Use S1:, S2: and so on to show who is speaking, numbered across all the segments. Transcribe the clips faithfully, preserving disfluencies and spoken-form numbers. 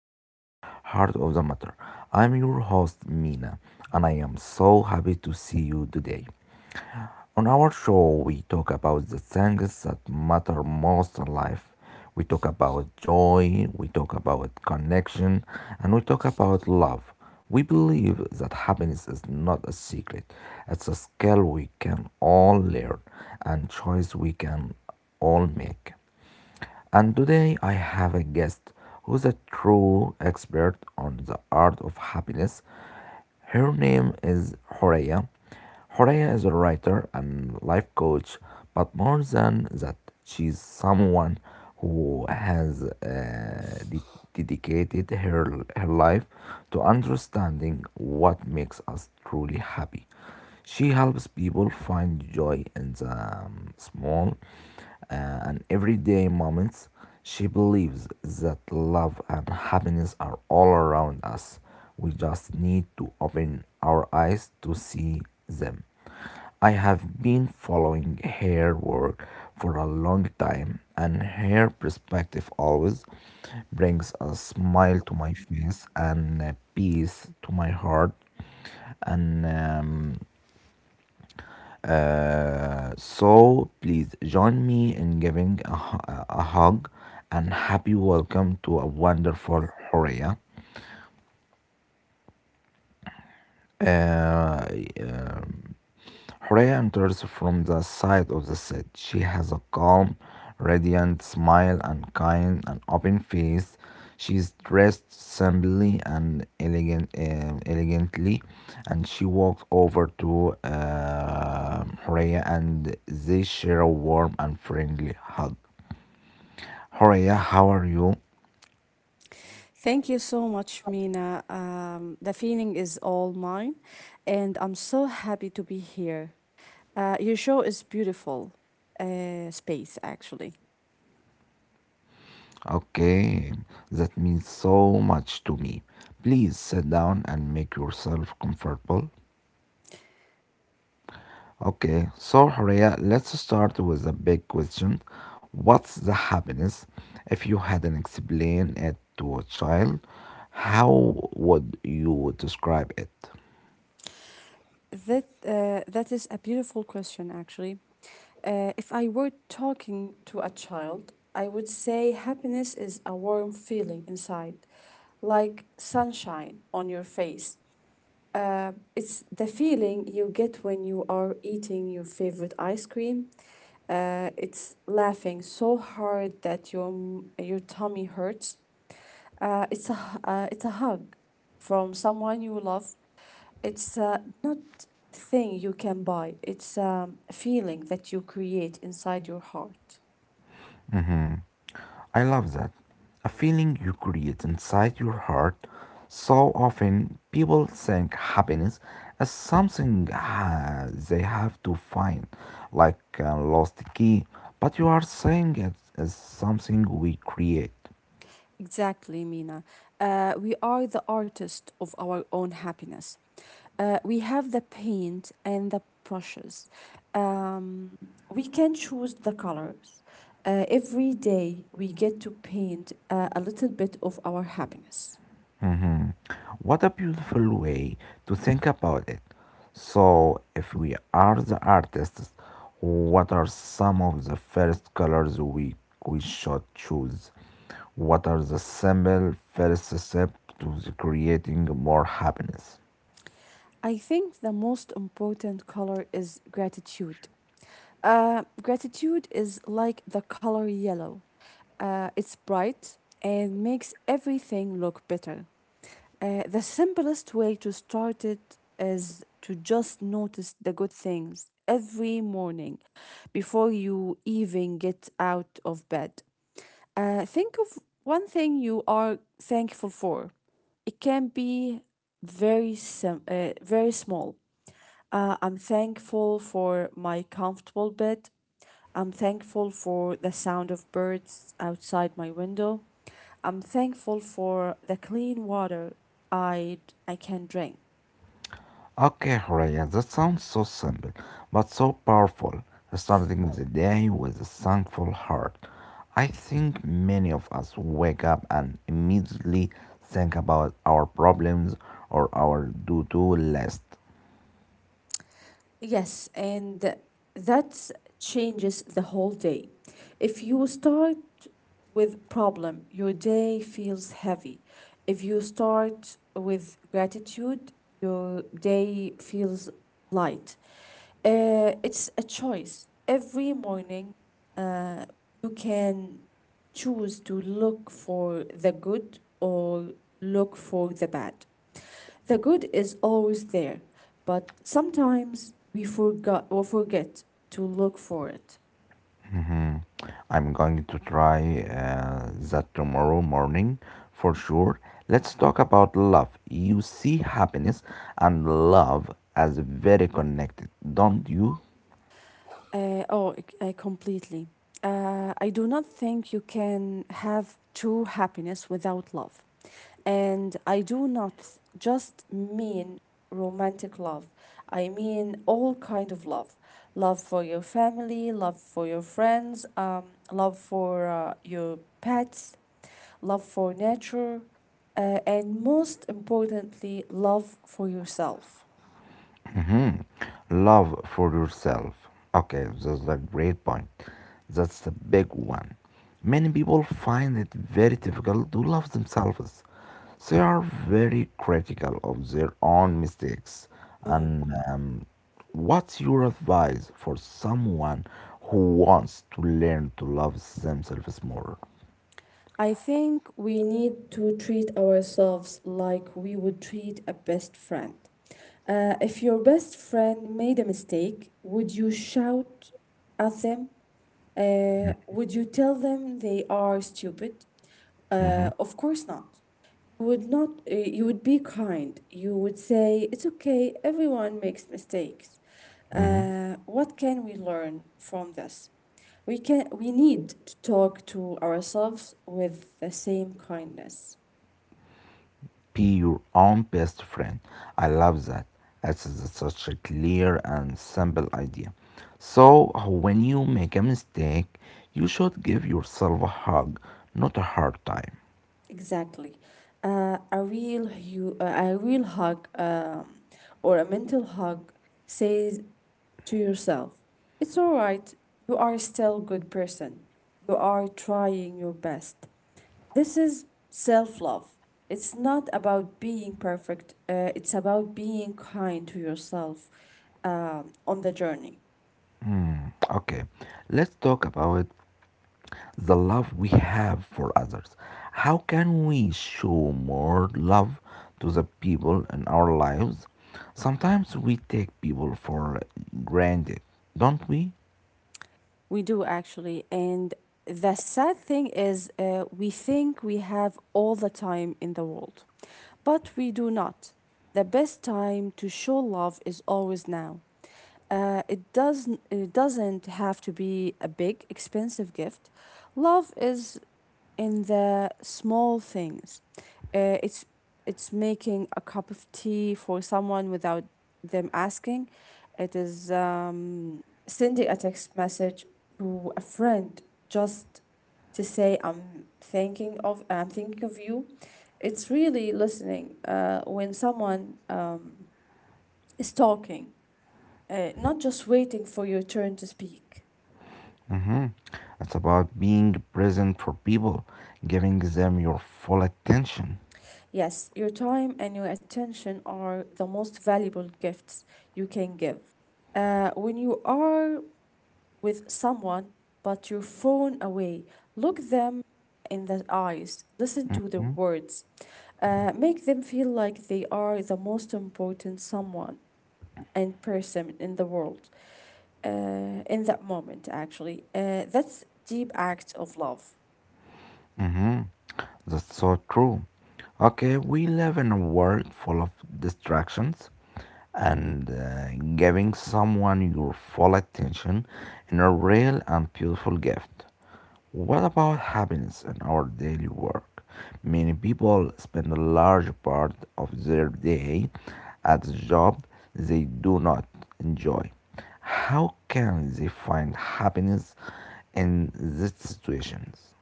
S1: to the heart of the matter. I'm your host Mina, and I am so happy to see you today. On our show we talk about the things that matter most in life. We talk about joy, we talk about connection, and we talk about love. We believe that happiness is not a secret. It's a skill we can all learn and choice we can all make. And today I have a guest who's a true expert on the art of happiness. Her name is Horea. Horea is a writer and life coach, but more than that, she's someone who has uh, de- dedicated her, her life to understanding what makes us truly happy. She helps people find joy in the um, small uh, and everyday moments. She believes that love and happiness are all around us. We just need to open our eyes to see them. I have been following her work for a long time, and her perspective always brings a smile to my face and a peace to my heart. And um, uh, so please join me in giving a, hu- a hug and happy welcome to a wonderful Horea. Uh, uh, Horea enters from the side of the set. She has a calm, radiant smile and kind and open face. She is dressed simply and elegant, um, elegantly, and she walks over to uh, Horea and they share a warm and friendly hug. Horea, how are you?
S2: Thank you so much, Mina. Um, the feeling is all mine, and I'm so happy to be here. Uh, your show is beautiful. Uh, space, actually.
S1: Okay, that means so much to me. Please sit down and make yourself comfortable. Okay, so Horia, let's start with a big question. What's the happiness? If you hadn't explained it to a child, how would you describe it?
S2: That uh, that is a beautiful question, actually. Uh, if I were talking to a child, I would say happiness is a warm feeling inside, like sunshine on your face. Uh, it's the feeling you get when you are eating your favorite ice cream. Uh, it's laughing so hard that your m- your tummy hurts. Uh, it's a h- uh, it's a hug from someone you love. It's uh, not thing you can buy. It's um, a feeling that you create inside your heart.
S1: I love that. A feeling you create inside your heart. So often people think happiness as something uh, they have to find, like a lost key, but you are saying it as something we create.
S2: Exactly, Mina. Uh, we are the artist of our own happiness. Uh, we have the paint and the brushes. Um, we can choose the colors. Uh, every day we get to paint uh, a little bit of our happiness.
S1: Hmm. What a beautiful way to think about it. So, if we are the artists, what are some of the first colors we, we should choose? What are the simple first steps to the creating more happiness?
S2: I think the most important color is gratitude. Uh, gratitude is like the color yellow. Uh, it's bright and makes everything look better. Uh, the simplest way to start it is to just notice the good things every morning before you even get out of bed. Uh, think of one thing you are thankful for. It can be very sim- uh, very small. Uh, I'm thankful for my comfortable bed. I'm thankful for the sound of birds outside my window. I'm thankful for the clean water I I can drink.
S1: Okay, Horia, that sounds so simple, but so powerful. Starting the day with a thankful heart. I think many of us wake up and immediately think about our problems or our do do list.
S2: Yes, and that changes the whole day. If you start with problem, your day feels heavy. If you start with gratitude, your day feels light. Uh, it's a choice. Every morning, uh, you can choose to look for the good or look for the bad. The good is always there, but sometimes we forgot or forget to look for it.
S1: I'm going to try uh, that tomorrow morning for sure. Let's talk about love. You see happiness and love as very connected, don't you?
S2: Uh, oh, c- uh, completely. Uh, I do not think you can have true happiness without love. And I do not th- just mean romantic love. I mean all kind of love. Love for your family, love for your friends, um, love for uh, your pets, love for nature, uh, and most importantly, love for yourself.
S1: Love for yourself. Okay, that's a great point. That's the big one. Many people find it very difficult to love themselves. They are very critical of their own mistakes.
S2: Mm-hmm.
S1: And um, What's your advice for someone who wants to learn to love themselves more?
S2: I think we need to treat ourselves like we would treat a best friend. Uh, if your best friend made a mistake, would you shout at them? Uh, would you tell them they are stupid?
S1: Mm-hmm,
S2: Uh, of course not. You would not uh, you would be kind. You would say it's okay, everyone makes mistakes.
S1: mm-hmm.
S2: Uh, what can we learn from this? We can we need to talk to ourselves with the same kindness.
S1: Be your own best friend. I love that. It's such a clear and simple idea. So, when you make a mistake, you should give yourself a hug, not a hard time.
S2: Exactly. Uh, a real hu- uh, a real hug um, or a mental hug says to yourself, it's all right. You are still a good person. You are trying your best. This is self-love. It's not about being perfect. Uh, it's about being kind to yourself um, on the journey.
S1: Okay, let's talk about the love we have for others. How can we show more love to the people in our lives? Sometimes we take people for granted, don't we?
S2: We do actually. And the sad thing is, uh, we think we have all the time in the world, but we do not. The best time to show love is always now. Uh, it doesn't it doesn't have to be a big expensive gift. Love is in the small things. Uh, it's it's making a cup of tea for someone without them asking. It is um, sending a text message to a friend just to say I'm thinking of I'm thinking of you. It's really listening uh, when someone um, is talking, uh, not just waiting for your turn to speak.
S1: Mhm. It's about being present for people, giving them your full attention.
S2: Yes, your time and your attention are the most valuable gifts you can give. Uh, when you are with someone but your phone away, look them in the eyes, listen to their words, uh, make them feel like they are the most important someone and person in the world uh, in that moment, actually. Uh, that's deep act of love.
S1: Mhm. That's so true. Okay, we live in a world full of distractions, and uh, giving someone your full attention is a real and beautiful gift. What about happiness in our daily work? Many people spend a large part of their day at a job they do not enjoy. How can they find happiness in these situations?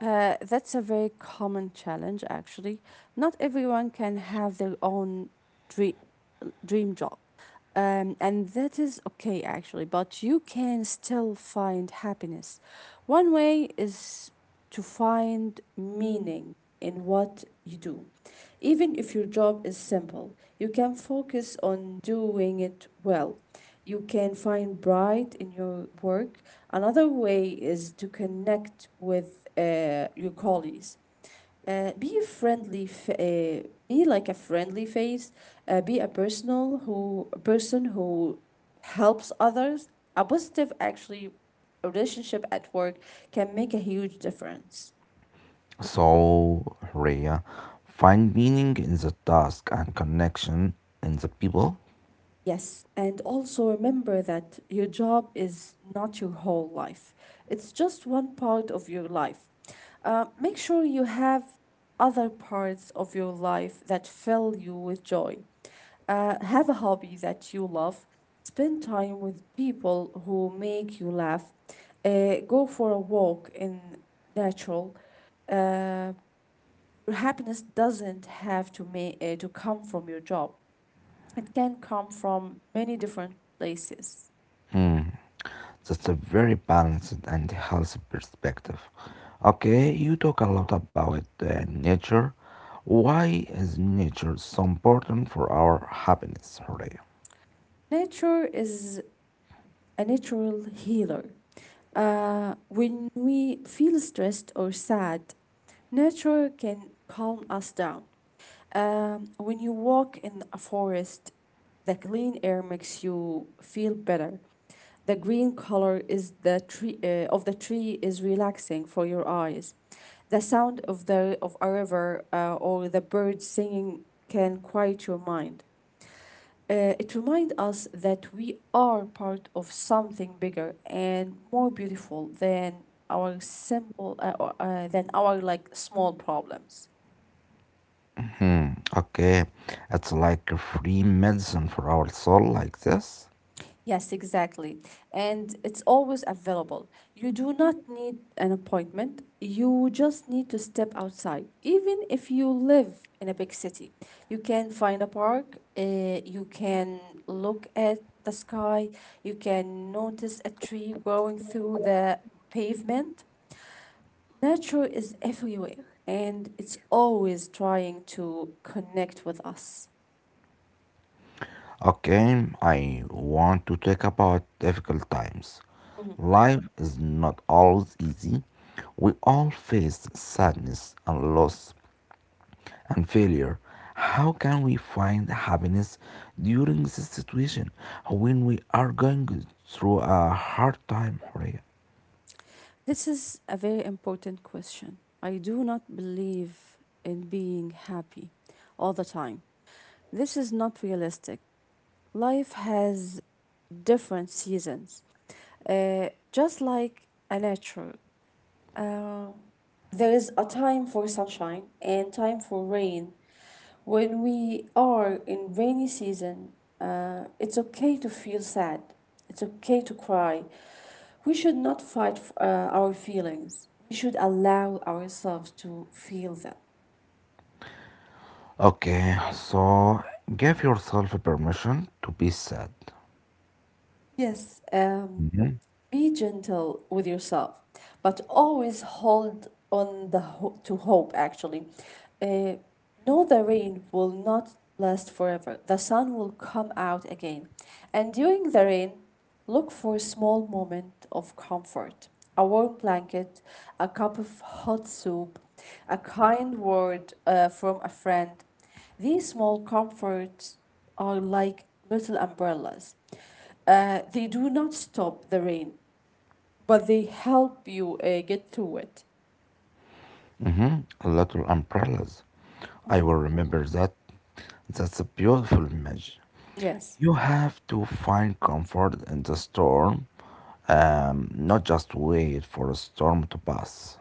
S2: Uh, that's a very common challenge, actually. Not everyone can have their own dream, dream job. Um, and that is okay, actually, but you can still find happiness. One way is to find meaning in what you do. Even if your job is simple, you can focus on doing it well. You can find pride in your work. Another way is to connect with uh, your colleagues. Uh, be a friendly, f- uh, be like a friendly face. Uh, be a personal who, a person who helps others. A positive, actually, relationship at work can make a huge difference.
S1: So, Rhea, find meaning in the task and connection in the people.
S2: Yes, and also remember that your job is not your whole life. It's just one part of your life. Uh, make sure you have other parts of your life that fill you with joy. Uh, have a hobby that you love. Spend time with people who make you laugh. Uh, go for a walk in natural. Uh, your happiness doesn't have to ma- uh, to come from your job. It can come from many different places.
S1: Hmm. That's a very balanced and healthy perspective. Okay, you talk a lot about uh, nature. Why is nature so important for our happiness, Horea?
S2: Nature is a natural healer. Uh, when we feel stressed or sad, nature can calm us down. Um, when you walk in a forest, the clean air makes you feel better. The green color is the tree uh, of the tree is relaxing for your eyes. The sound of the of a river uh, or the birds singing can quiet your mind. Uh, it reminds us that we are part of something bigger and more beautiful than our simple uh, or, uh, than our like small problems.
S1: Hmm, okay, it's like a free medicine for our soul, like this.
S2: Yes, exactly. And it's always available. You do not need an appointment. You just need to step outside. Even if you live in a big city, you can find a park, uh, you can look at the sky, you can notice a tree growing through the pavement. Nature is everywhere and it's always trying to connect with us.
S1: Okay, I want to talk about difficult times.
S2: Mhm.
S1: Life is not always easy. We all face sadness and loss, and failure. How can we find happiness during this situation when we are going through a hard time, Horia?
S2: This is a very important question. I do not believe in being happy all the time. This is not realistic. Life has different seasons. Uh, just like a nature, Uh, there is a time for sunshine and time for rain. When we are in rainy season, uh, it's okay to feel sad. It's okay to cry. We should not fight f- uh, our feelings. We should allow ourselves to feel them.
S1: Okay, so give yourself permission to be sad.
S2: Yes, um,
S1: Mhm.
S2: be gentle with yourself, but always hold on the ho- to hope. Actually, uh, know the rain will not last forever. The sun will come out again, and during the rain, look for a small moment of comfort: a warm blanket, a cup of hot soup, a kind word uh, from a friend. These small comforts are like little umbrellas. Uh, they do not stop the rain, but they help you uh, get through it.
S1: Mhm. Little umbrellas. I will remember that. That's a beautiful image.
S2: Yes.
S1: You have to find comfort in the storm, um, not just wait for a storm to pass.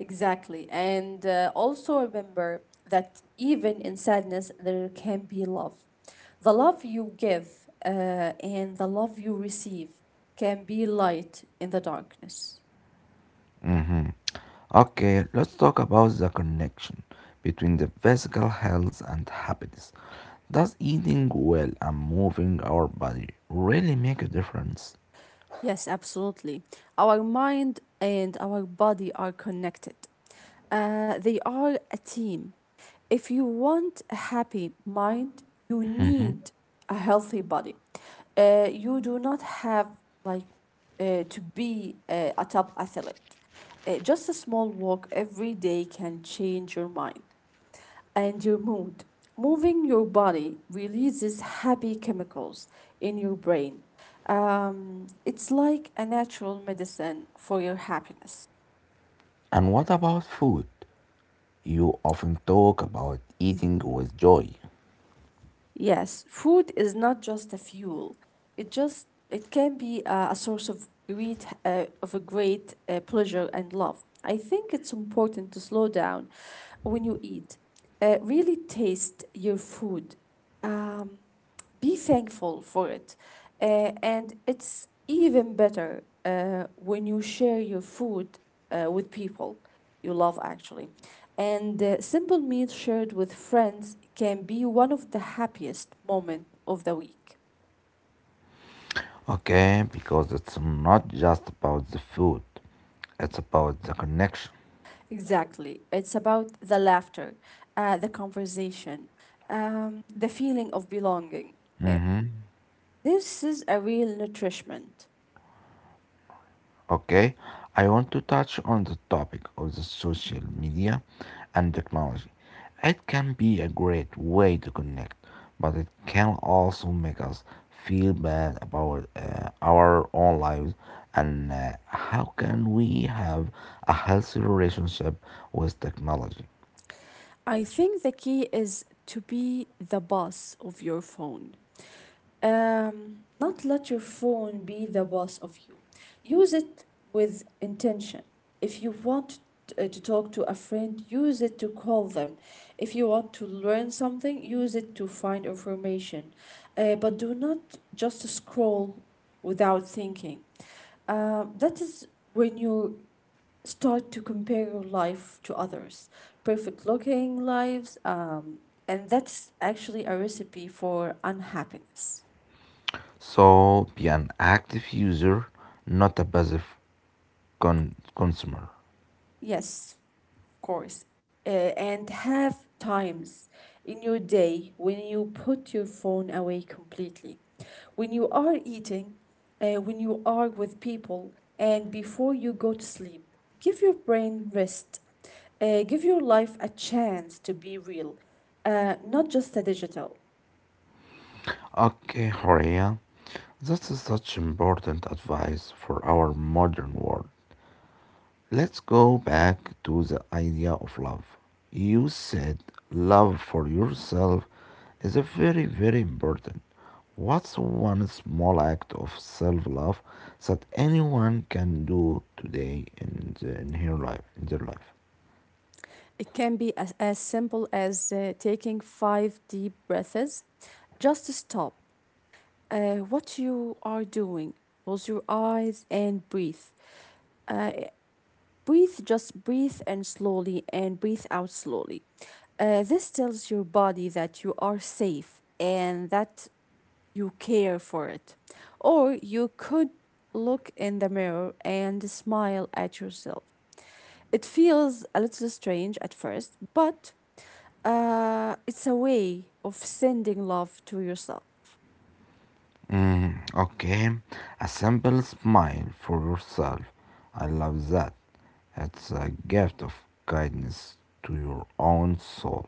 S2: Exactly. And uh, also remember that even in sadness, there can be love. The love you give uh, and the love you receive can be light in the darkness.
S1: Mhm. Okay, let's talk about the connection between the physical health and happiness. Does eating well and moving our body really make a difference?
S2: Yes, absolutely. Our mind and our body are connected. Uh, they are a team. If you want a happy mind, you need a healthy body. Uh, you do not have like uh, to be uh, a top athlete. Uh, just a small walk every day can change your mind and your mood. Moving your body releases happy chemicals in your brain. Um, it's like a natural medicine for your happiness.
S1: And what about food? You often talk about eating with joy.
S2: Yes, food is not just a fuel. It just it can be a, a source of great uh, of a great uh, pleasure and love. I think it's important to slow down when you eat. Uh, really taste your food. Um, be thankful for it. Uh, and it's even better uh, when you share your food uh, with people you love, actually. And uh, simple meal shared with friends can be one of the happiest moment of the week.
S1: Okay, because it's not just about the food, it's about the connection.
S2: Exactly. It's about the laughter, uh, the conversation, um, the feeling of belonging. Uh, This is a real nourishment.
S1: Okay, I want to touch on the topic of the social media and technology. It can be a great way to connect, but it can also make us feel bad about uh, our own lives and uh, how can we have a healthy relationship with technology.
S2: I think the key is to be the boss of your phone. Um, not let your phone be the boss of you. Use it with intention. If you want uh, to talk to a friend, use it to call them. If you want to learn something, use it to find information. Uh, but do not just scroll without thinking. Um, that is when you start to compare your life to others perfect looking lives um, and that's actually a recipe for unhappiness.
S1: So be an active user, not a passive con- consumer.
S2: Yes, of course. Uh, and have times in your day when you put your phone away completely, when you are eating, uh, when you are with people, and before you go to sleep. Give your brain rest. Uh, give your life a chance to be real, uh, not just a digital.
S1: Okay, Horia, that is such important advice for our modern world. Let's go back to the idea of love. You said love for yourself is a very, very important. What's one small act of self love that anyone can do today in, the, in her life in their life?
S2: It can be as, as simple as uh, taking five deep breaths. Just stop uh, what you are doing. Close your eyes and breathe. Uh, breathe, just breathe and slowly and breathe out slowly. Uh, this tells your body that you are safe and that you care for it. Or you could look in the mirror and smile at yourself. It feels a little strange at first, but uh, it's a way of sending love to yourself.
S1: Mm, okay, a simple smile for yourself. I love that. It's a gift of kindness to your own soul.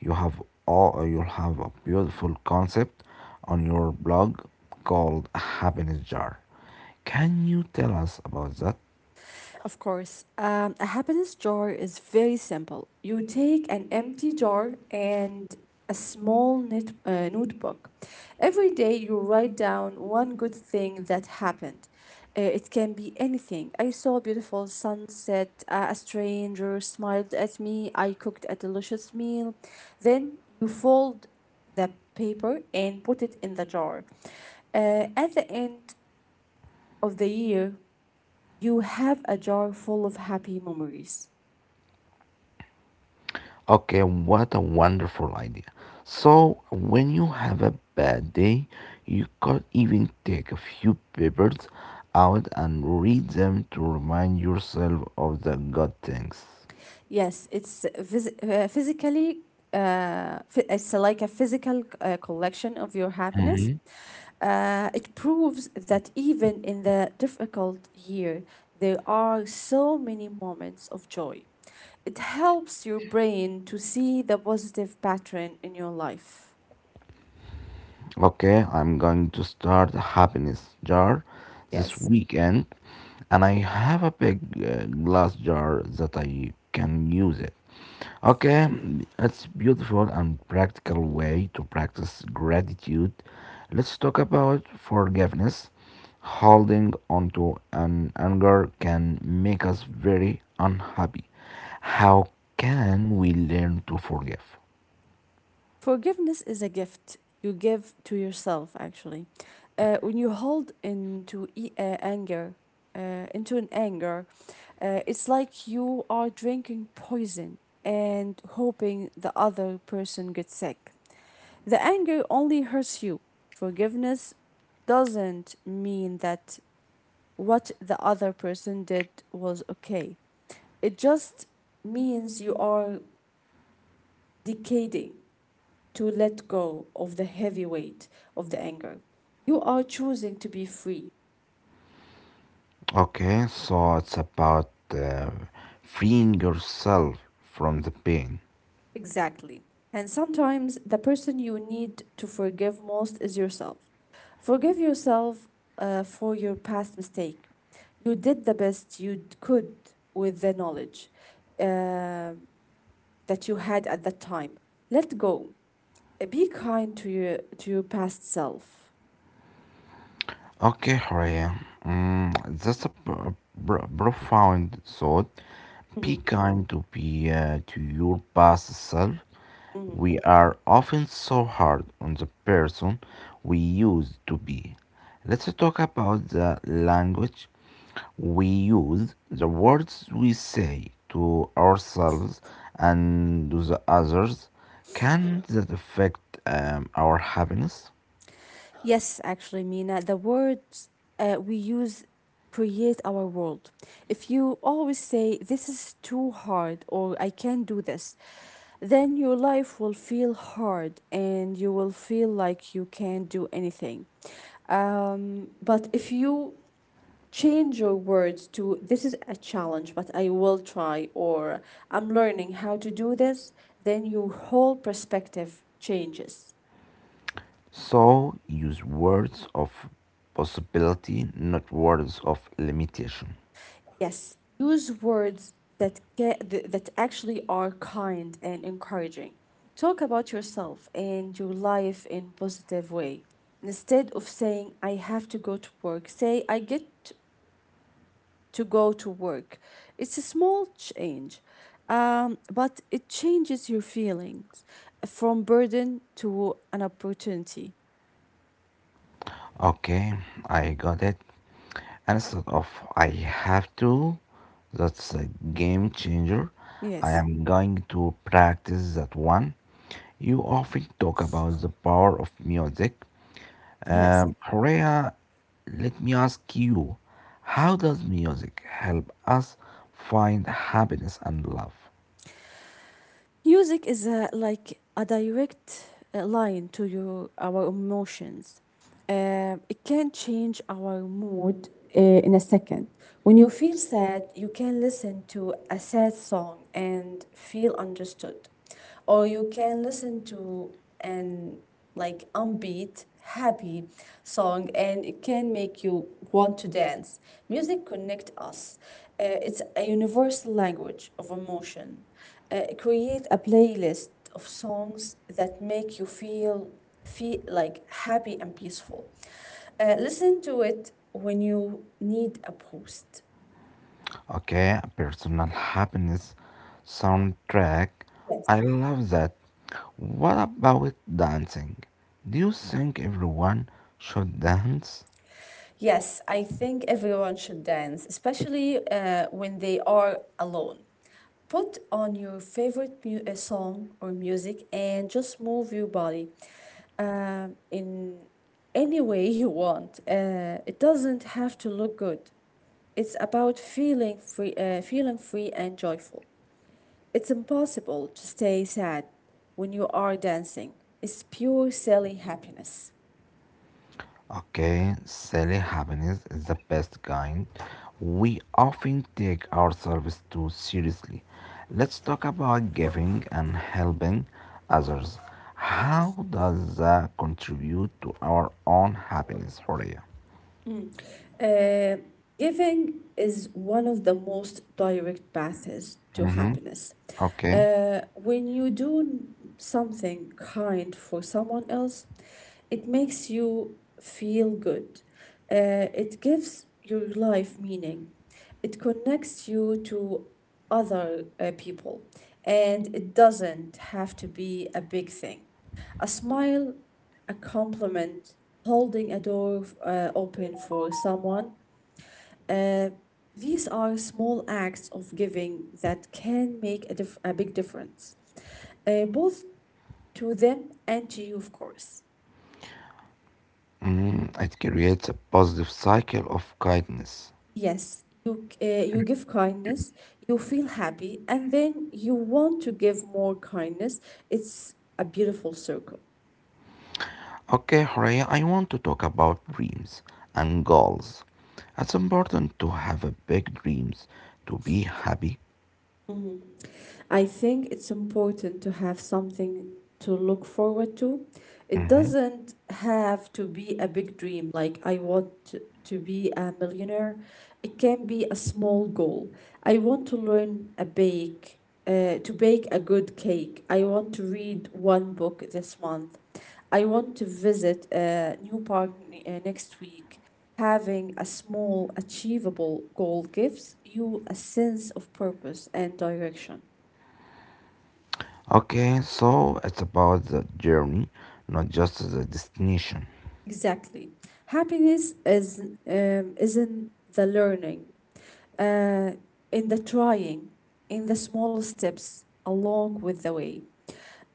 S1: You have all, you have a beautiful concept on your blog called Happiness Jar. Can you tell us about that?
S2: Of course, um, a happiness jar is very simple. You take an empty jar and a small net, uh, notebook. Every day, you write down one good thing that happened. Uh, it can be anything. I saw a beautiful sunset, uh, a stranger smiled at me, I cooked a delicious meal. Then you fold the paper and put it in the jar. Uh, at the end of the year, you have a jar full of happy memories.
S1: Okay, what a wonderful idea. So, when you have a bad day, you could even take a few papers out and read them to remind yourself of the good things.
S2: Yes, it's phys- uh, physically, uh, phy- it's like a physical uh, collection of your happiness.
S1: Hmm.
S2: Uh, it proves that even in the difficult year, there are so many moments of joy. It helps your brain to see the positive pattern in your life.
S1: Okay, I'm going to start a happiness jar this
S2: Yes.
S1: weekend, and I have a big uh, glass jar that I can use it. Okay, it's beautiful and practical way to practice gratitude. Let's talk about forgiveness. Holding on to an anger can make us very unhappy. How can we learn to forgive?
S2: Forgiveness is a gift you give to yourself, actually. Uh, when you hold into e- uh, anger, uh, into an anger, uh, it's like you are drinking poison and hoping the other person gets sick. The anger only hurts you. Forgiveness doesn't mean that what the other person did was okay. It just means you are decaying to let go of the heavy weight of the anger. You are choosing to be free.
S1: Okay, so it's about uh, freeing yourself from the pain.
S2: Exactly. And sometimes the person you need to forgive most is yourself. Forgive yourself uh, for your past mistake. You did the best you d- could with the knowledge uh, that you had at that time. Let go. Uh, Be kind to your to your past self.
S1: Okay, Horia. Mm, that's a pr- pr- profound thought. Be
S2: Mhm,
S1: kind to be uh, to your past self.
S2: mhm.
S1: We are often so hard on the person we used to be. Let's talk about the language we use, the words we say to ourselves and to the others. Can that affect um, our happiness?
S2: Yes, actually, Mina, the words uh, we use create our world. If you always say, "This is too hard," or "I can't do this," then your life will feel hard and you will feel like you can't do anything. Um, but if you change your words to, "This is a challenge, but I will try," or "I'm learning how to do this," then your whole perspective changes.
S1: So use words of possibility, not words of limitation.
S2: Yes, use words that get th- that actually are kind and encouraging. Talk about yourself and your life in positive way. Instead of saying "I have to go to work," say "I get to go to work." It's a small change, um, but it changes your feelings from burden to an opportunity.
S1: Okay, I got it. Instead of I have to, that's a game changer. I
S2: Yes.
S1: am going to practice that one. You often talk about the power of music.
S2: Yes.
S1: Um, Horea, let me ask you, how does music help us find happiness and love?
S2: Music is a, like a direct uh, line to your our emotions. Uh, it can change our mood uh, in a second. When you feel sad, you can listen to a sad song and feel understood, or you can listen to an like upbeat happy song and it can make you want to dance. Music connect us. Uh, it's a universal language of emotion. Uh, create a playlist of songs that make you feel feel like happy and peaceful. Uh, listen to it when you need a boost.
S1: Okay, personal happiness soundtrack.
S2: Yes.
S1: I love that. What about dancing? Do you think everyone should dance?
S2: Yes, I think everyone should dance, especially uh, when they are alone. Put on your favorite mu- uh, song or music and just move your body um, in any way you want. Uh, it doesn't have to look good. It's about feeling free, uh, feeling free and joyful. It's impossible to stay sad when you are dancing. It's pure silly happiness.
S1: Okay, silly happiness is the best kind. We often take ourselves too seriously. Let's talk about giving and helping others. How does that contribute to our own happiness, Horia?
S2: Uh, giving is one of the most direct paths to
S1: Mhm.
S2: happiness.
S1: Okay.
S2: Uh, when you do n- something kind for someone else, it makes you feel good. Uh, it gives your life meaning. It connects you to other uh, people, and it doesn't have to be a big thing. A smile, a compliment, holding a door uh, open for someone. Uh, these are small acts of giving that can make a, dif- a big difference, uh, both to them and to you, of course.
S1: Mm, it creates a positive cycle of kindness.
S2: Yes, you, uh, you give kindness, you feel happy, and then you want to give more kindness. It's a beautiful circle.
S1: Okay, Horea, I want to talk about dreams and goals. It's important to have a big dreams to be happy.
S2: I think it's important to have something to look forward to. It
S1: Mhm.
S2: doesn't have to be a big dream, like "I want to to be a millionaire." It can be a small goal. I want to learn a bake, uh, to bake a good cake. I want to read one book this month. I want to visit a new park n- uh, next week. Having a small, achievable goal gives you a sense of purpose and direction.
S1: Okay, so it's about the journey, not just the destination.
S2: Exactly. Happiness is um, is in the learning, uh, in the trying, in the small steps along with the way.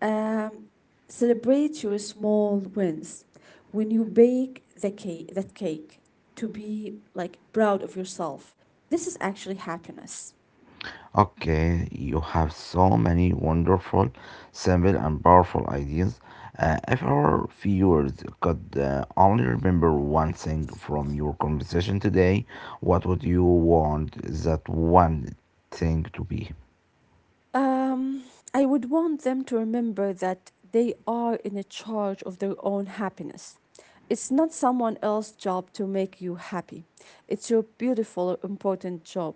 S2: Um, celebrate your small wins. When you bake the cake, that cake, to be like proud of yourself. This is actually happiness.
S1: Okay, you have so many wonderful, simple, and powerful ideas. Uh, if our viewers could uh, only remember one thing from your conversation today, what would you want that one thing to be?
S2: Um, I would want them to remember that they are in charge of their own happiness. It's not someone else's job to make you happy. It's your beautiful, important job.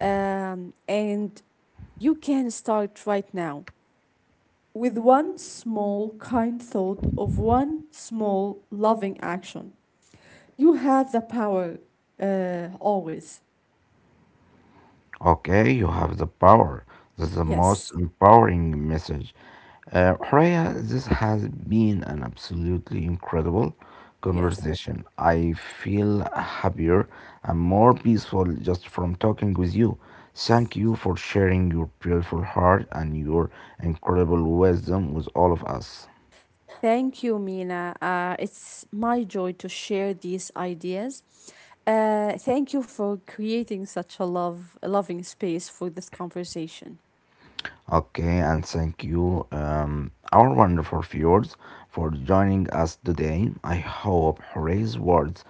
S2: Um, and you can start right now with one small kind thought of one small loving action. You have the power, uh, always.
S1: Okay, you have the power. That's the
S2: Yes.
S1: most empowering message. Uh, Horea, this has been an absolutely incredible
S2: Yes.
S1: conversation. I feel happier and more peaceful just from talking with you. Thank you for sharing your beautiful heart and your incredible wisdom with all of us.
S2: Thank you, Mina. Uh, it's my joy to share these ideas. Uh, thank you for creating such a love, a loving space for this conversation.
S1: Okay, and thank you, um, our wonderful viewers, for joining us today. I hope Horay's words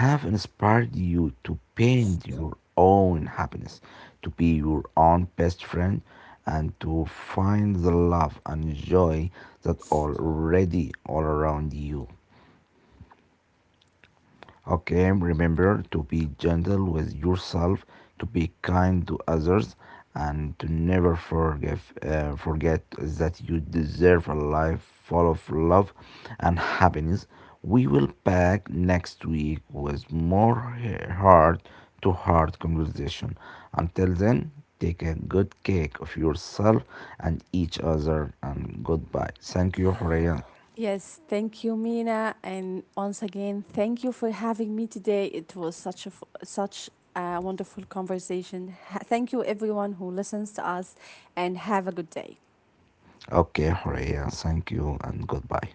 S1: have inspired you to paint your own happiness, to be your own best friend, and to find the love and joy that already all around you. Okay, remember to be gentle with yourself, to be kind to others, and to never forgive, uh, forget that you deserve a life full of love and happiness. We will back next week with more heart to heart conversation. Until then, take a good care of yourself and each other, and goodbye. Thank you, Horea.
S2: Yes, thank you, Mina, and once again, thank you for having me today. It was such a f- such a wonderful conversation. Ha- Thank you, everyone who listens to us, and have a good day.
S1: Okay, Horea, thank you, and goodbye.